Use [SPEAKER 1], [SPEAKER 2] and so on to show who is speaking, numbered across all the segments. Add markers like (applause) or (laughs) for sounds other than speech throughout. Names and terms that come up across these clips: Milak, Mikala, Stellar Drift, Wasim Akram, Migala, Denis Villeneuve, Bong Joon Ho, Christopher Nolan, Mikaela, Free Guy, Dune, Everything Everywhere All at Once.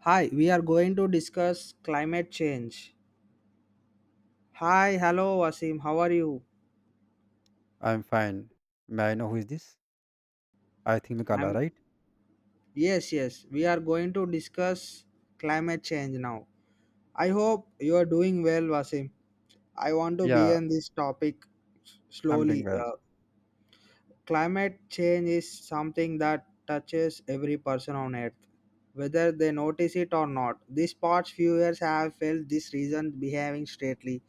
[SPEAKER 1] Hi, we are going to discuss climate change. Hi, hello Wasim, how are you?
[SPEAKER 2] I'm fine. May I know who is this? I think Mikala,
[SPEAKER 1] I'm
[SPEAKER 2] right?
[SPEAKER 1] yes, yes. We are going to discuss climate change now. I hope you are doing well, Wasim. I want to
[SPEAKER 2] Yeah,
[SPEAKER 1] begin this topic
[SPEAKER 2] I'm doing
[SPEAKER 1] slowly.
[SPEAKER 2] well.
[SPEAKER 1] Climate change is something that touches every person on earth, whether they notice it or not. These past few years have felt this reason behaving straightly,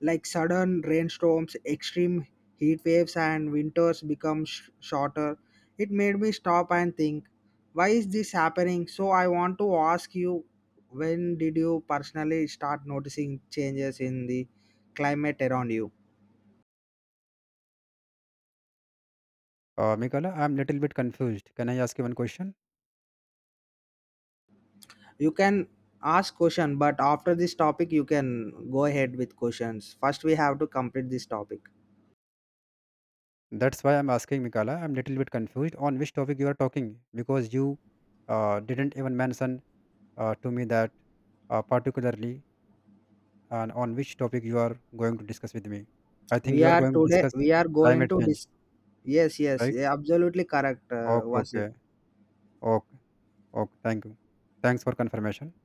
[SPEAKER 1] like sudden rainstorms, extreme heat waves, and winters become shorter. It made me stop and think, why is this happening? So I want to ask you, when did you personally start noticing changes in the climate around you?
[SPEAKER 2] Mikala, I'm little bit confused. Can I ask you one question?
[SPEAKER 1] You can ask question, but after this topic you can go ahead with questions. First we have to complete this topic.
[SPEAKER 2] That's why I'm asking Mikala. I'm little bit confused on which topic you are talking because you didn't even mention to me that particularly and on which topic you are going to discuss with me. I
[SPEAKER 1] We
[SPEAKER 2] think you are
[SPEAKER 1] are
[SPEAKER 2] going to
[SPEAKER 1] today
[SPEAKER 2] discuss
[SPEAKER 1] we are going
[SPEAKER 2] climate
[SPEAKER 1] to
[SPEAKER 2] change,
[SPEAKER 1] dis- Yes, yes,
[SPEAKER 2] right?
[SPEAKER 1] yeah, absolutely correct,
[SPEAKER 2] Okay,
[SPEAKER 1] Wasim.
[SPEAKER 2] okay, okay, okay. Thank you. Thanks for confirmation.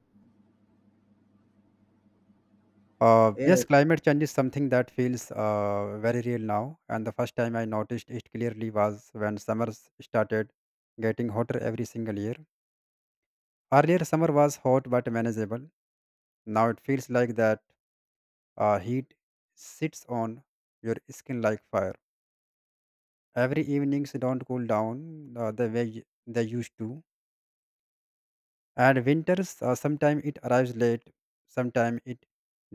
[SPEAKER 1] Yeah,
[SPEAKER 2] Yes, climate change is something that feels very real now. And the first time I noticed it clearly was when summers started getting hotter every single year. Earlier, summer was hot but manageable. Now it feels like that heat sits on your skin like fire. Every evenings don't cool down the way they used to. And winters, sometimes it arrives late, sometimes it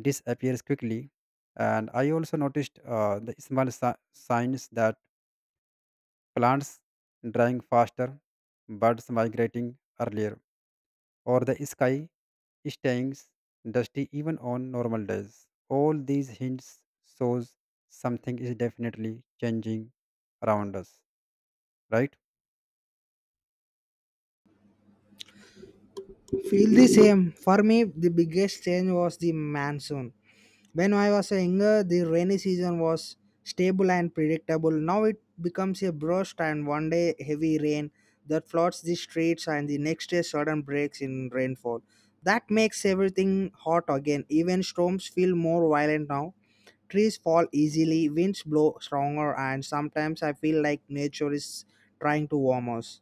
[SPEAKER 2] disappears quickly. And I also noticed the small signs that plants drying faster, birds migrating earlier, or the sky staying dusty even on normal days. All these hints shows something is definitely changing around us, right?
[SPEAKER 1] feel the same for me. The biggest change was the monsoon. When I was younger, the rainy season was stable and predictable. Now it becomes a burst and one day heavy rain that floods the streets and the next day sudden breaks in rainfall. That makes everything hot again. Even storms feel more violent now. Trees fall easily, winds blow stronger, and sometimes I feel like nature is trying to warm us.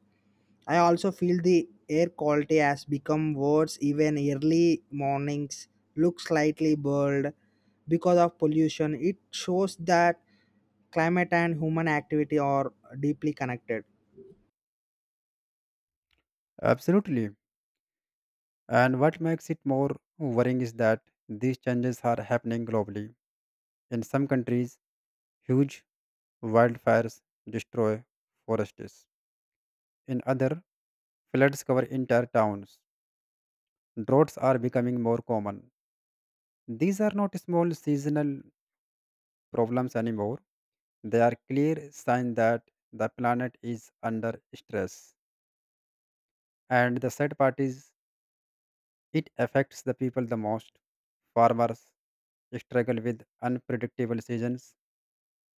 [SPEAKER 1] I also feel the air quality has become worse. Even early mornings look slightly blurred because of pollution. It shows that climate and human activity are deeply connected.
[SPEAKER 2] Absolutely. And what makes it more worrying is that these changes are happening globally. In some countries, huge wildfires destroy forests. In other, floods cover entire towns. Droughts are becoming more common. These are not small seasonal problems anymore. They are clear sign that the planet is under stress. And the sad part is it affects the people the most. Farmers struggle with unpredictable seasons,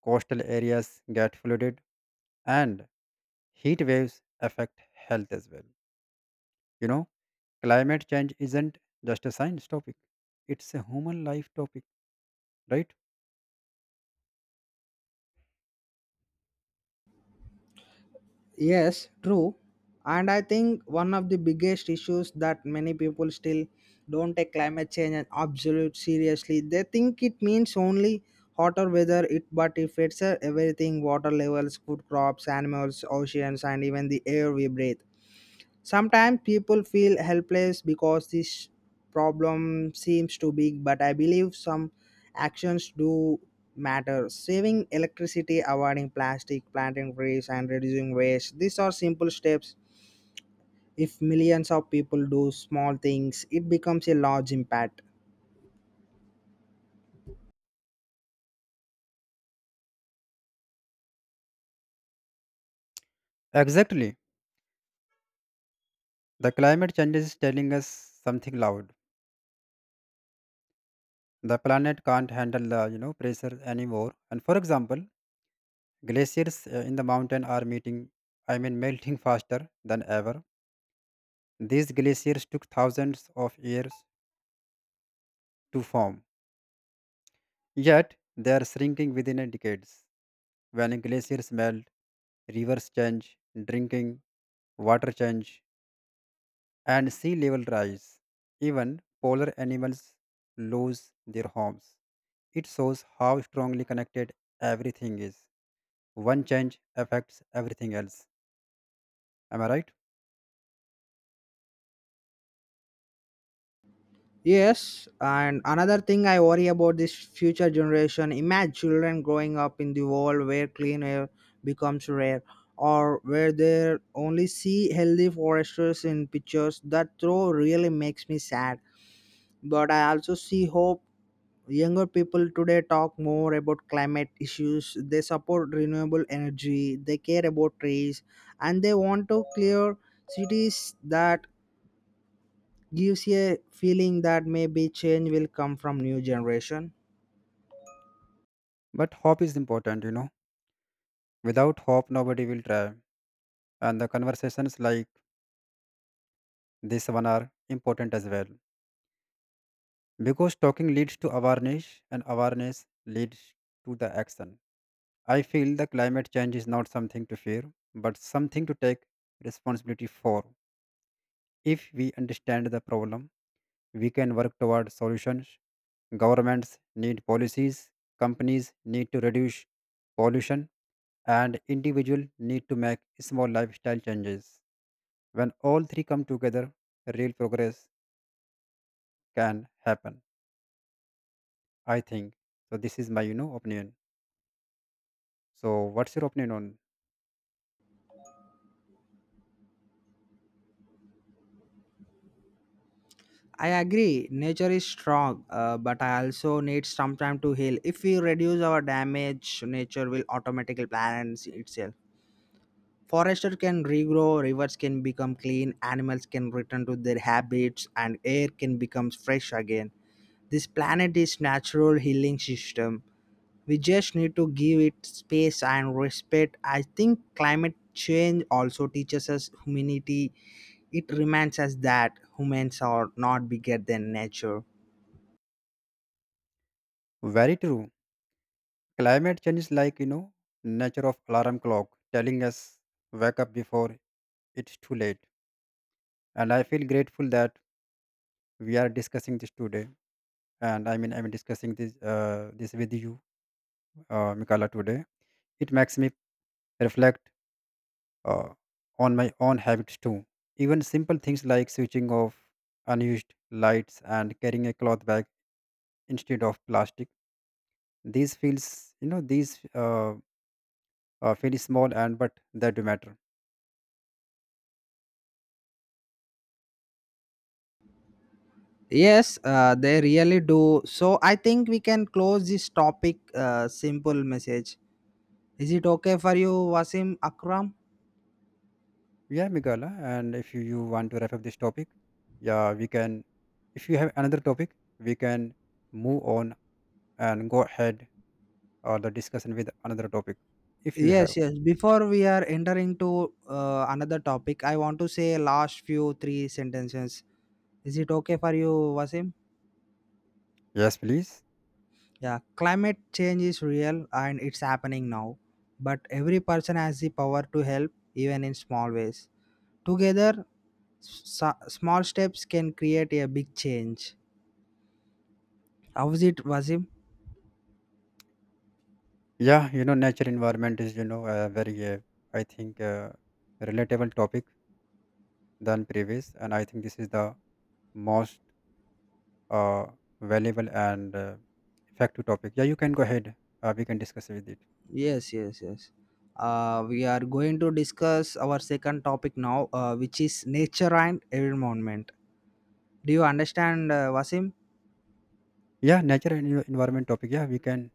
[SPEAKER 2] coastal areas get flooded, and heat waves affect health as well. You know, climate change isn't just a science topic, it's a human life topic, right?
[SPEAKER 1] Yes, true. And I think one of the biggest issues that many people still don't take climate change and absolute seriously. They think it means only hotter weather it, but if it's everything, water levels, food crops, animals, oceans, and even the air we breathe. Sometimes people feel helpless because this problem seems too big, but I believe some actions do matter. Saving electricity, avoiding plastic, planting trees, and reducing waste. These are simple steps. If millions of people do small things, it becomes a large impact.
[SPEAKER 2] Exactly. The climate change is telling us something loud. The planet can't handle the pressure anymore. And for example, glaciers in the mountain are meeting, I mean, (laughs) melting faster than ever. These glaciers took thousands of years to form, yet they are shrinking within a decades. When glaciers melt, rivers change, drinking water change, and sea level rise. Even polar animals lose their homes. It shows how strongly connected everything is. One change affects everything else. Am I right?
[SPEAKER 1] Yes, and another thing I worry about this future generation. Imagine children growing up in the world where clean air becomes rare, or where they only see healthy foresters in pictures. That throw really makes me sad. But I also see hope. Younger people today talk more about climate issues. They support renewable energy. They care about trees, and they want to clear cities that gives a feeling that maybe change will come from new generation.
[SPEAKER 2] But hope is important, you know. Without hope, nobody will try. And the conversations like this one are important as well. Because talking leads to awareness, and awareness leads to the action. I feel the climate change is not something to fear, but something to take responsibility for. If we understand the problem, we can work toward solutions. Governments need policies, companies need to reduce pollution, and individuals need to make small lifestyle changes. When all three come together, real progress can happen, I think. So this is my opinion. So what's your opinion on?
[SPEAKER 1] I agree, nature is strong, but I also need some time to heal. If we reduce our damage, nature will automatically balance itself. Forester can regrow, rivers can become clean, animals can return to their habits, and air can become fresh again. This planet is natural healing system. We just need to give it space and respect. I think climate change also teaches us humanity. It reminds us that humans are not bigger than nature.
[SPEAKER 2] Very true. Climate change is like nature of alarm clock telling us wake up before it's too late. And I feel grateful that we are discussing this today and I mean I'm discussing this with you Mikala today. It makes me reflect uh, on my own habits too. Even simple things like switching off unused lights and carrying a cloth bag instead of plastic, these feels you know these feel small and but they do matter.
[SPEAKER 1] Yes, they really do. So I think we can close this topic. Simple message. Is it okay for you, Wasim Akram?
[SPEAKER 2] Yeah, Mikala, and if you want to wrap up this topic, yeah we can. If you have another topic, we can move on and go ahead, or the discussion with another topic if you
[SPEAKER 1] Yes,
[SPEAKER 2] have.
[SPEAKER 1] yes, before we are entering to another topic, I want to say last few three sentences. Is it okay for you, Wasim?
[SPEAKER 2] Yes, please.
[SPEAKER 1] Yeah, climate change is real and it's happening now. But every person has the power to help, even in small ways. Together, small steps can create a big change. How is it, Wasim?
[SPEAKER 2] Yeah, you know, nature environment is a very I think relatable topic than previous, and I think this is the most uh, valuable and effective topic. Yeah, you can go ahead, we can discuss with it.
[SPEAKER 1] Yes, yes, yes. We are going to discuss our second topic now, which is nature and environment. Do you understand, Vasim?
[SPEAKER 2] Yeah, nature and environment topic, yeah we can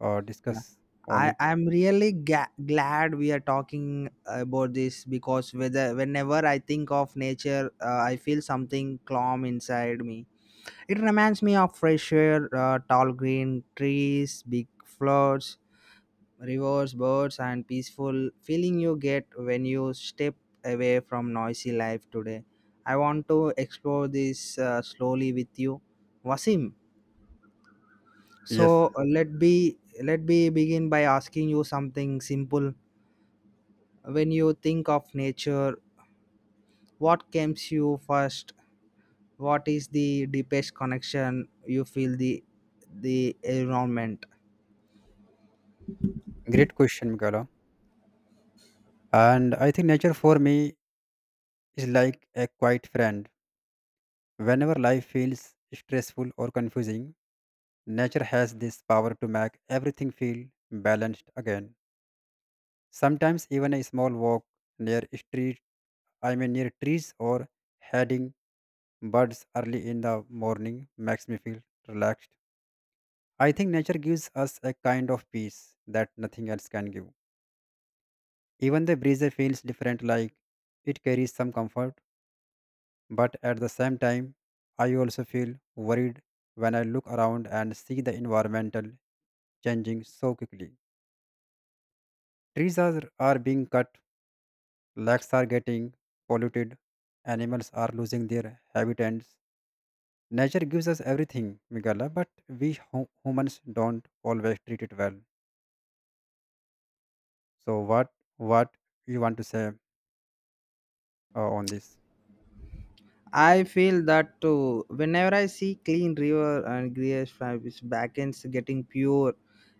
[SPEAKER 1] Yeah.
[SPEAKER 2] discuss on
[SPEAKER 1] I
[SPEAKER 2] it.
[SPEAKER 1] I'm really glad we are talking about this because whether whenever I think of nature, I feel something calm inside me. It reminds me of fresh air, tall green trees, big floods, rivers, birds, and peaceful feeling you get when you step away from noisy life today. I want to explore this slowly with you, Wasim.
[SPEAKER 2] Yes.
[SPEAKER 1] So let me begin by asking you something simple. When you think of nature, what comes you first? What is the deepest connection you feel, the environment?
[SPEAKER 2] Great question, Mikaela. And I think nature for me is like a quiet friend. Whenever life feels stressful or confusing, nature has this power to make everything feel balanced again. Sometimes even a small walk near street, I mean near trees, or heading birds early in the morning makes me feel relaxed. I think nature gives us a kind of peace that nothing else can give. Even the breeze feels different, like it carries some comfort, but at the same time I also feel worried when I look around and see the environmental changing so quickly. Trees are being cut, lakes are getting polluted, animals are losing their habitats. Nature gives us everything, Migala, but we humans don't always treat it well. So what you want to say on this?
[SPEAKER 1] I feel that too. Whenever I see clean river and grass fibers back getting pure,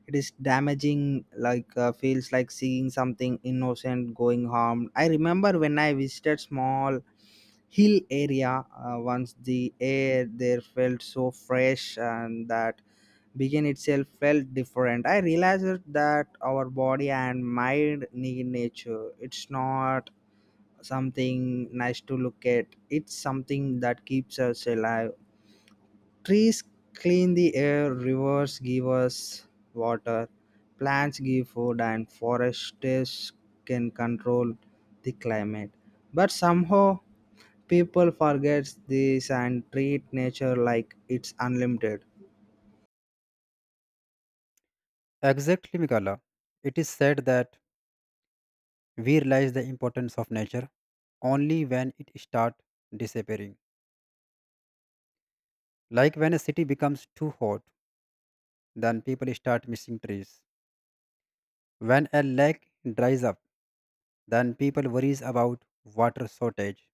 [SPEAKER 1] it is damaging like, feels like seeing something innocent going harmed. I remember when I visited small hill area once. The air there felt so fresh and that begin itself felt different. I realized that our body and mind need nature. It's not something nice to look at, it's something that keeps us alive. Trees clean the air, rivers give us water, plants give food, and forests can control the climate. But somehow, people forget this and treat nature like it's unlimited.
[SPEAKER 2] Exactly, Migala. It is said that we realize the importance of nature only when it starts disappearing. Like when a city becomes too hot, then people start missing trees. When a lake dries up, then people worries about water shortage.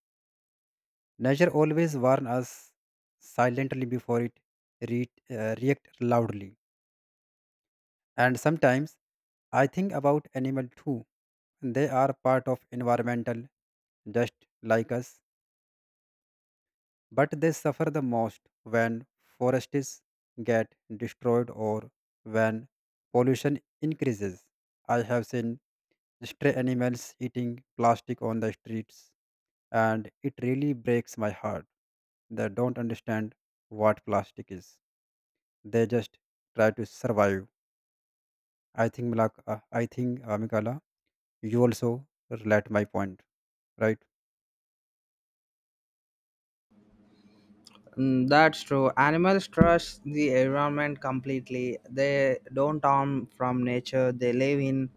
[SPEAKER 2] Nature always warns us silently before it react loudly. And sometimes I think about animal too. They are part of environmental just like us, but they suffer the most when forests get destroyed or when pollution increases. I have seen stray animals eating plastic on the streets, and it really breaks my heart. They don't understand what plastic is. They just try to survive. I think, Mikala, you also relate my point, right?
[SPEAKER 1] Mm, that's true. Animals trust the environment completely. They don't harm from nature. They live in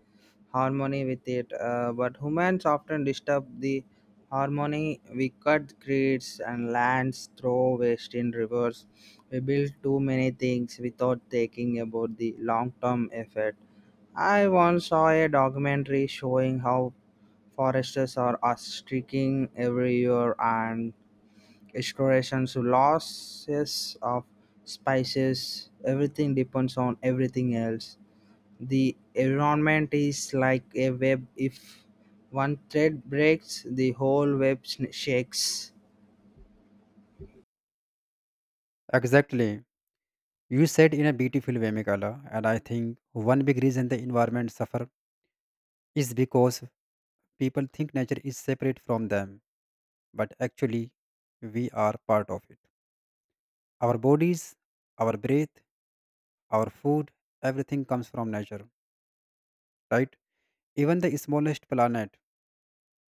[SPEAKER 1] harmony with it. But humans often disturb the harmony. We cut trees and lands, throw waste in rivers. We build too many things without thinking about the long-term effect. I once saw a documentary showing how foresters are striking every year and explorations to losses of spices. Everything depends on everything else. The environment is like a web. If one thread breaks, the whole web shakes.
[SPEAKER 2] Exactly. You said in a beautiful way, Mikala, and I think one big reason the environment suffer is because people think nature is separate from them, but actually, we are part of it. Our bodies, our breath, our food, everything comes from nature, right? Even the smallest planet,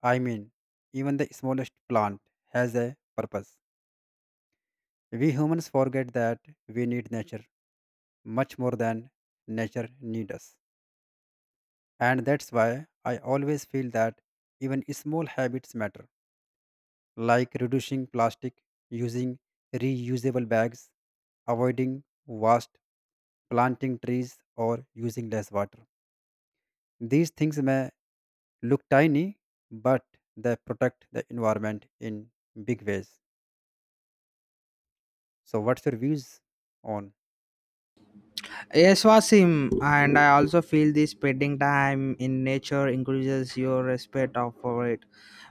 [SPEAKER 2] I mean, Even the smallest plant has a purpose. We humans forget that we need nature much more than nature needs us. And that's why I always feel that even small habits matter, like reducing plastic, using reusable bags, avoiding waste, planting trees, or using less water. These things may look tiny, but they protect the environment in big ways. So, what's your views on?
[SPEAKER 1] Yes, Wasim, and I also feel this spending time in nature increases your respect of for it.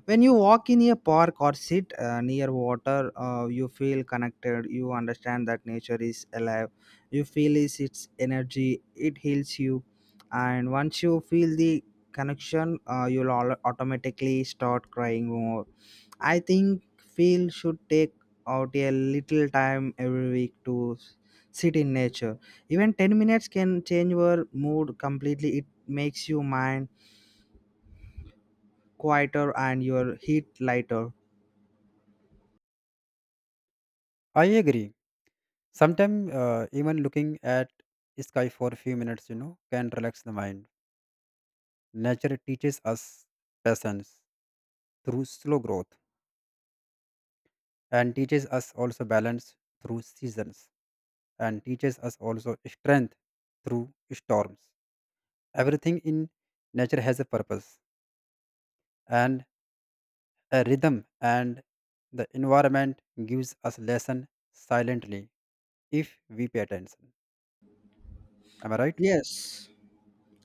[SPEAKER 1] When you walk in a park or sit near water, you feel connected. You understand that nature is alive. You feel is its energy. It heals you, and once you feel the connection, you'll all automatically start crying more. I think feel should take out a little time every week to sit in nature. Even 10 minutes can change your mood completely. It makes your mind quieter and your heat lighter.
[SPEAKER 2] I agree. Sometimes even looking at sky for a few minutes, you know, can relax the mind. Nature teaches us patience through slow growth, and teaches us also balance through seasons, and teaches us also strength through storms. Everything in nature has a purpose and a rhythm, and the environment gives us lesson silently if we pay attention. Am I right?
[SPEAKER 1] Yes.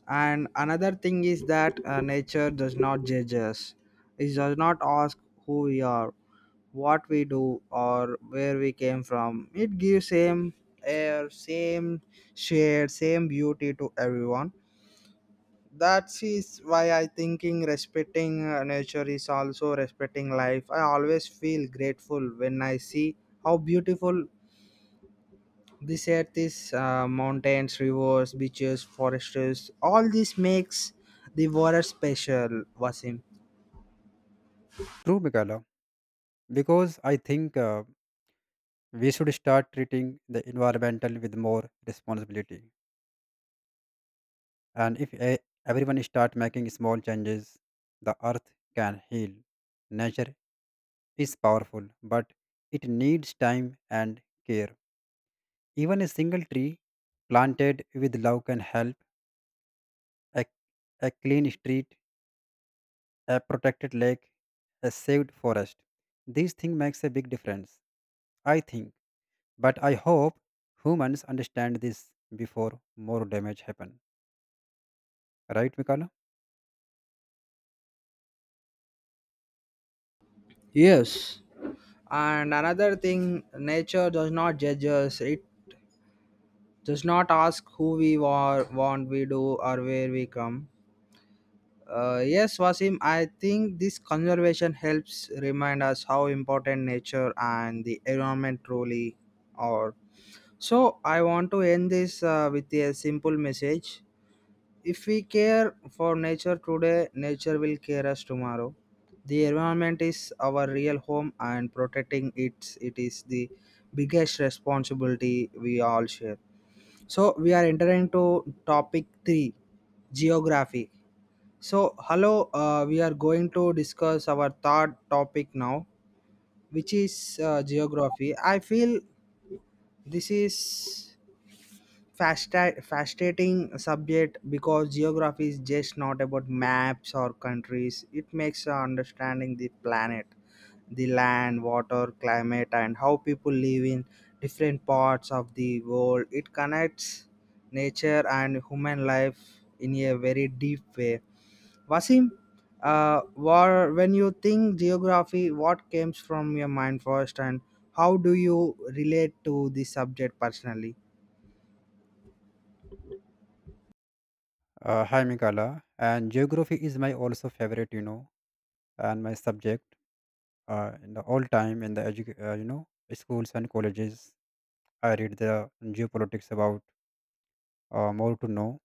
[SPEAKER 1] And another thing is that nature does not judge us. It does not ask who we are, what we do, or where we came from. It gives same air, same shade, same beauty to everyone. That is why I thinking respecting nature is also respecting life. I always feel grateful when I see how beautiful this earth is. Mountains, rivers, beaches, forests, all this makes the world special, Wasim.
[SPEAKER 2] True, Mikala, because I think we should start treating the environmental with more responsibility. And if everyone start making small changes, the earth can heal. Nature is powerful, but it needs time and care. Even a single tree planted with love can help a, a clean street, a protected lake, a saved forest. These things makes a big difference, I think. But I hope humans understand this before more damage happen. Right, Mikala?
[SPEAKER 1] Yes, and another thing, nature does not judge us. It does not ask who we are, what we do, or where we come. Yes, Wasim, I think this conservation helps remind us how important nature and the environment truly are. So, I want to end this with a simple message. If we care for nature today, nature will care us tomorrow. The environment is our real home, and protecting it, it is the biggest responsibility we all share. So, we are entering to topic 3, geography. So, hello, we are going to discuss our third topic now, which is geography. I feel this is fascinating subject because geography is just not about maps or countries. It makes understanding the planet, the land, water, climate, and how people live in different parts of the world. It connects nature and human life in a very deep way, Wasim. When you think geography, what comes from your mind first, and how do you relate to the subject personally?
[SPEAKER 2] Hi, Mikala. And geography is my also favorite, you know, and my subject in the all time in the you know schools and colleges. I read the geopolitics about more to know.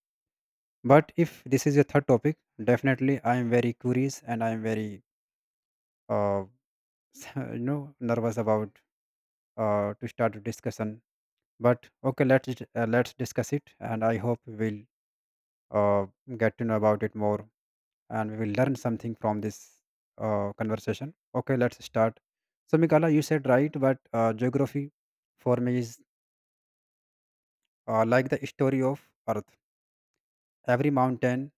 [SPEAKER 2] But if this is a third topic, definitely I am very curious and I am very uh, (laughs) you know nervous about to start a discussion. But okay, let's discuss it, and I hope we'll uh, get to know about it more, and we will learn something from this conversation. Okay, let's start. So, Mikala, you said right, but geography for me is like the story of Earth. Every mountain,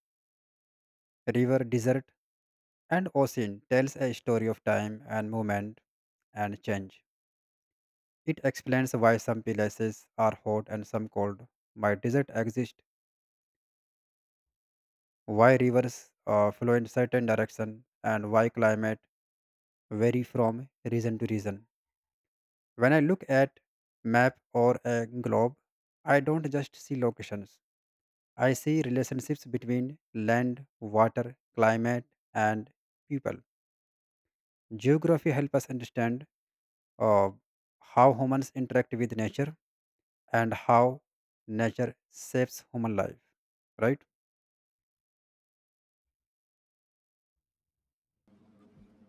[SPEAKER 2] river, desert, and ocean tells a story of time and movement and change. It explains why some places are hot and some cold, why desert exist, why rivers flow in certain direction, and why climate vary from region to region. When I look at map or a globe, I don't just see locations. I see relationships between land, water, climate, and people. Geography helps us understand uh, how humans interact with nature and how nature shapes human life, right?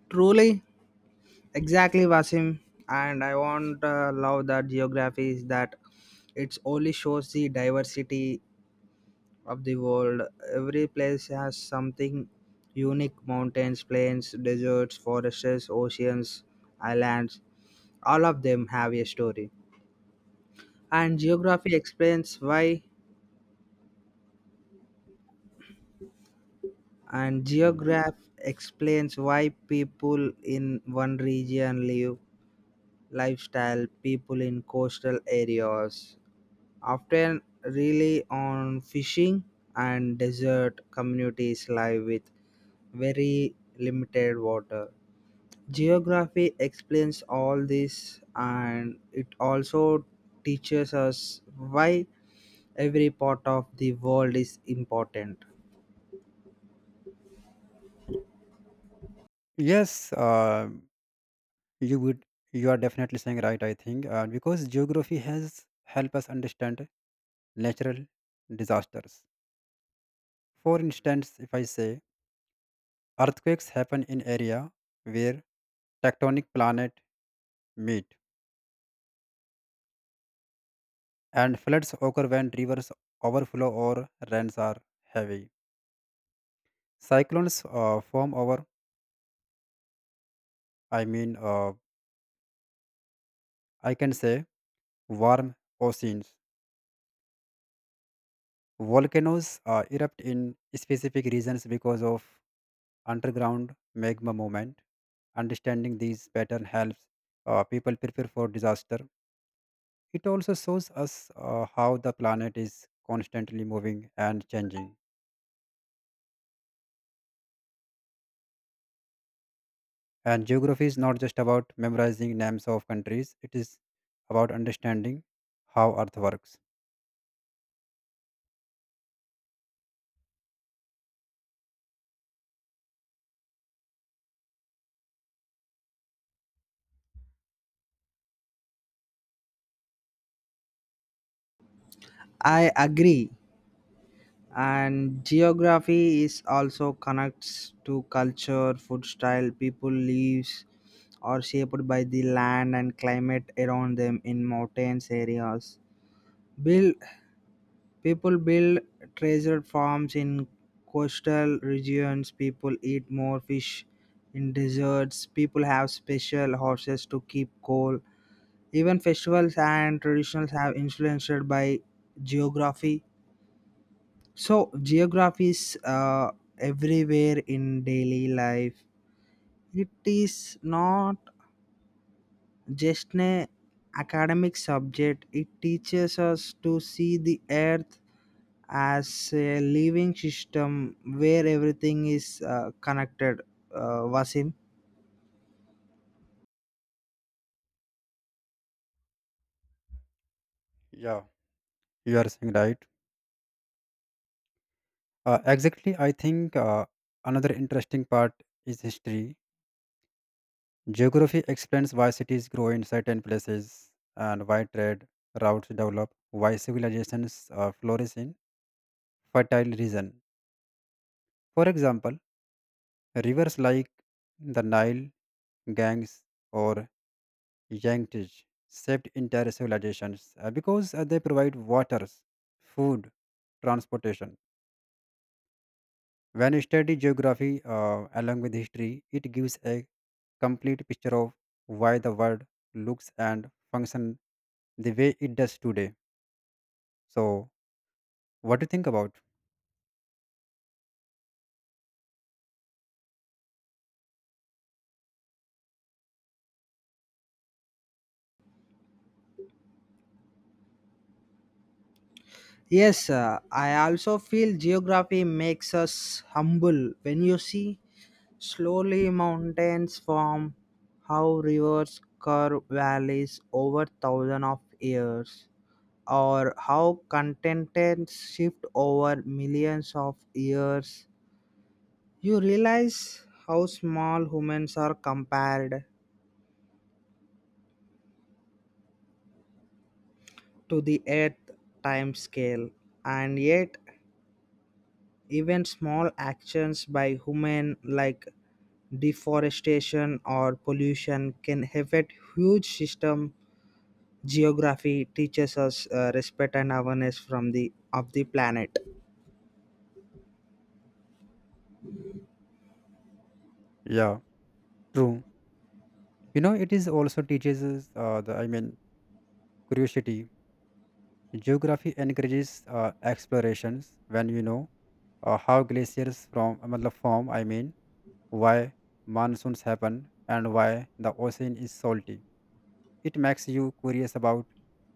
[SPEAKER 1] Truly, exactly, Wasim. And I want love that geography is that it only shows the diversity of the world. Every place has something unique: mountains, plains, deserts, forests, oceans, islands. All of them have a story. And geography explains why and
[SPEAKER 2] Mm.
[SPEAKER 1] geograph explains why people in one region live lifestyle. People in coastal areas often rely on fishing, and desert communities live with very limited water. Geography explains all this, and it also teaches us why every part of the world is important.
[SPEAKER 2] Yes, you would. You are definitely saying right. I think because geography has helped us understand natural disasters. For instance, if I say earthquakes happen in area where tectonic planet meet, and floods occur when rivers overflow or rains are heavy. Cyclones form over, I mean, I can say warm oceans. Volcanoes erupt in specific regions because of underground magma movement. Understanding these patterns helps people prepare for disaster. It also shows us how the planet is constantly moving and changing. And geography is not just about memorizing names of countries, it is about understanding how Earth works.
[SPEAKER 1] I agree, and geography is also connects to culture, food style. People lives are shaped by the land and climate around them. In mountains areas build people build treasure farms. In coastal regions, people eat more fish. In deserts, people have special horses to keep cool. Even festivals and traditions have influenced by geography. So geography is everywhere in daily life. It is not just an academic subject. It teaches us to see the earth as a living system where everything is connected. Vasim.
[SPEAKER 2] Yeah, you are saying right. Exactly, I think another interesting part is history. Geography explains why cities grow in certain places and why trade routes develop, why civilizations flourish in fertile region. For example, rivers like the Nile, Ganges, or Yankees saved entire civilizations because they provide waters, food, transportation. When you study geography along with history, it gives a complete picture of why the world looks and function the way it does today. So, what do you think about?
[SPEAKER 1] Yes, I also feel geography makes us humble. When you see slowly mountains form, how rivers curve valleys over 1,000s of years, or how continents shift over millions of years. You realize how small humans are compared to the earth time scale, and yet, even small actions by human like deforestation or pollution can affect huge system. Geography teaches us respect and awareness from the of the planet.
[SPEAKER 2] Yeah, true. You know, it is also teaches us, the I mean curiosity. Geography encourages explorations when you know how glaciers from मतलब form, I mean why monsoons happen, and why the ocean is salty. It makes you curious about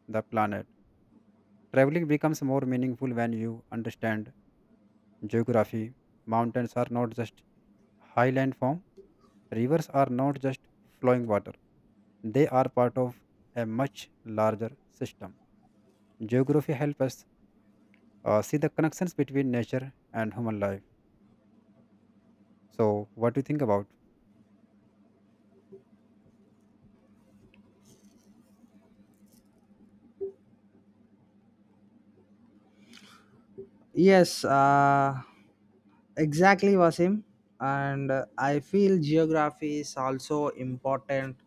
[SPEAKER 2] the planet. Traveling becomes more meaningful when you understand geography. Mountains are not just high landform, rivers are not just flowing water, they are part of a much larger system. Geography helps us see the connections between nature and human life. So, what do you think about?
[SPEAKER 1] Yes, exactly, Wasim. And I feel geography is also important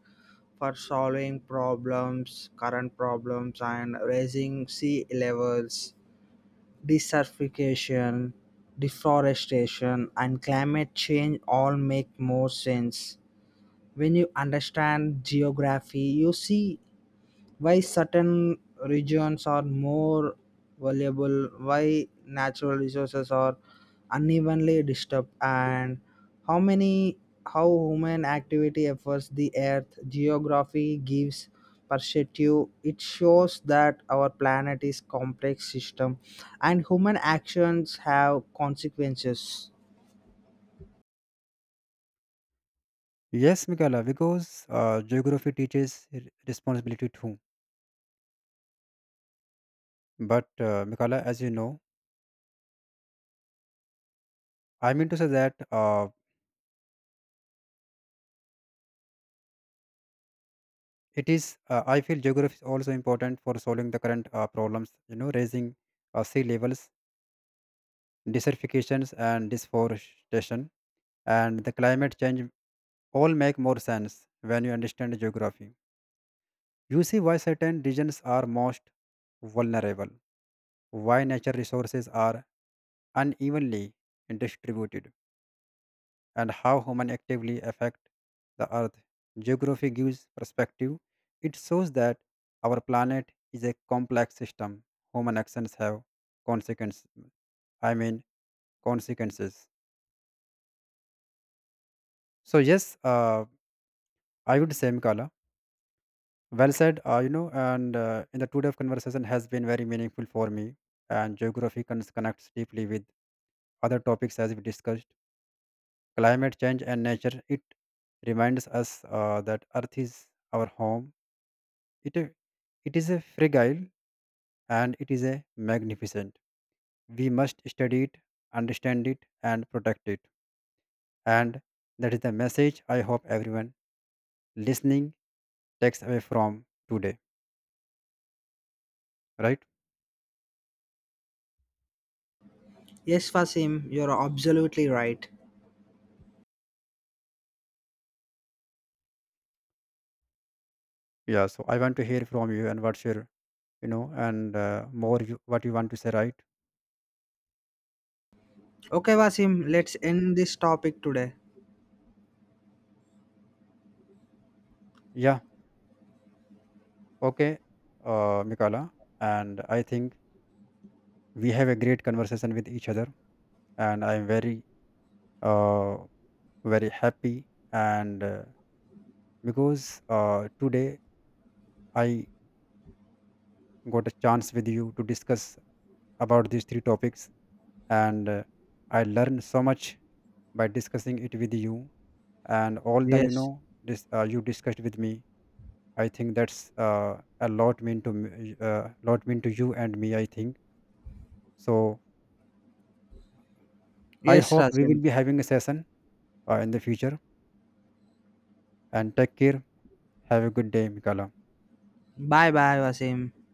[SPEAKER 1] for solving problems, current problems, and raising sea levels, desertification, deforestation, and climate change all make more sense. When you understand geography, you see why certain regions are more valuable, why natural resources are unevenly disturbed, and how many how human activity affects the earth. Geography gives perspective. It shows that our planet is complex system, and human actions have consequences.
[SPEAKER 2] Yes, Mikala, because geography teaches responsibility too. But Mikala, as you know, I mean to say that it is. I feel geography is also important for solving the current problems. You know, raising sea levels, desertifications, and deforestation, and the climate change all make more sense when you understand geography. You see why certain regions are most vulnerable, why nature resources are unevenly distributed, and how human actively affect the earth. Geography gives perspective. It shows that our planet is a complex system. Human actions have consequences. I mean consequences. So yes, I would say Mikala. Well said. You know, and in the today of conversation has been very meaningful for me. And geography connects deeply with other topics as we discussed. Climate change and nature. It reminds us that Earth is our home. It It is a fragile and it is a magnificent. We must study it, understand it, and protect it. And that is the message I hope everyone listening takes away from today, right?
[SPEAKER 1] Yes, Fasim, you're absolutely right.
[SPEAKER 2] Yeah. So I want to hear from you, and what's your, what you want to say, right?
[SPEAKER 1] Okay, Vasim, let's end this topic today.
[SPEAKER 2] Yeah. Okay. Mikala, and I think we have a great conversation with each other, and I am uh, very happy and. Because today I got a chance with you to discuss about these 3 topics, and I learned so much by discussing it with you. And all the you
[SPEAKER 1] Yes.
[SPEAKER 2] know, this you discussed with me. I think that's a lot mean to me, lot mean to you and me, I think so. I
[SPEAKER 1] Yes,
[SPEAKER 2] hope we will
[SPEAKER 1] Rasim.
[SPEAKER 2] be having a session in the future. And take care. Have a good day, Mikala.
[SPEAKER 1] શા� બા� બ�ા� લા� લા� ઓા�.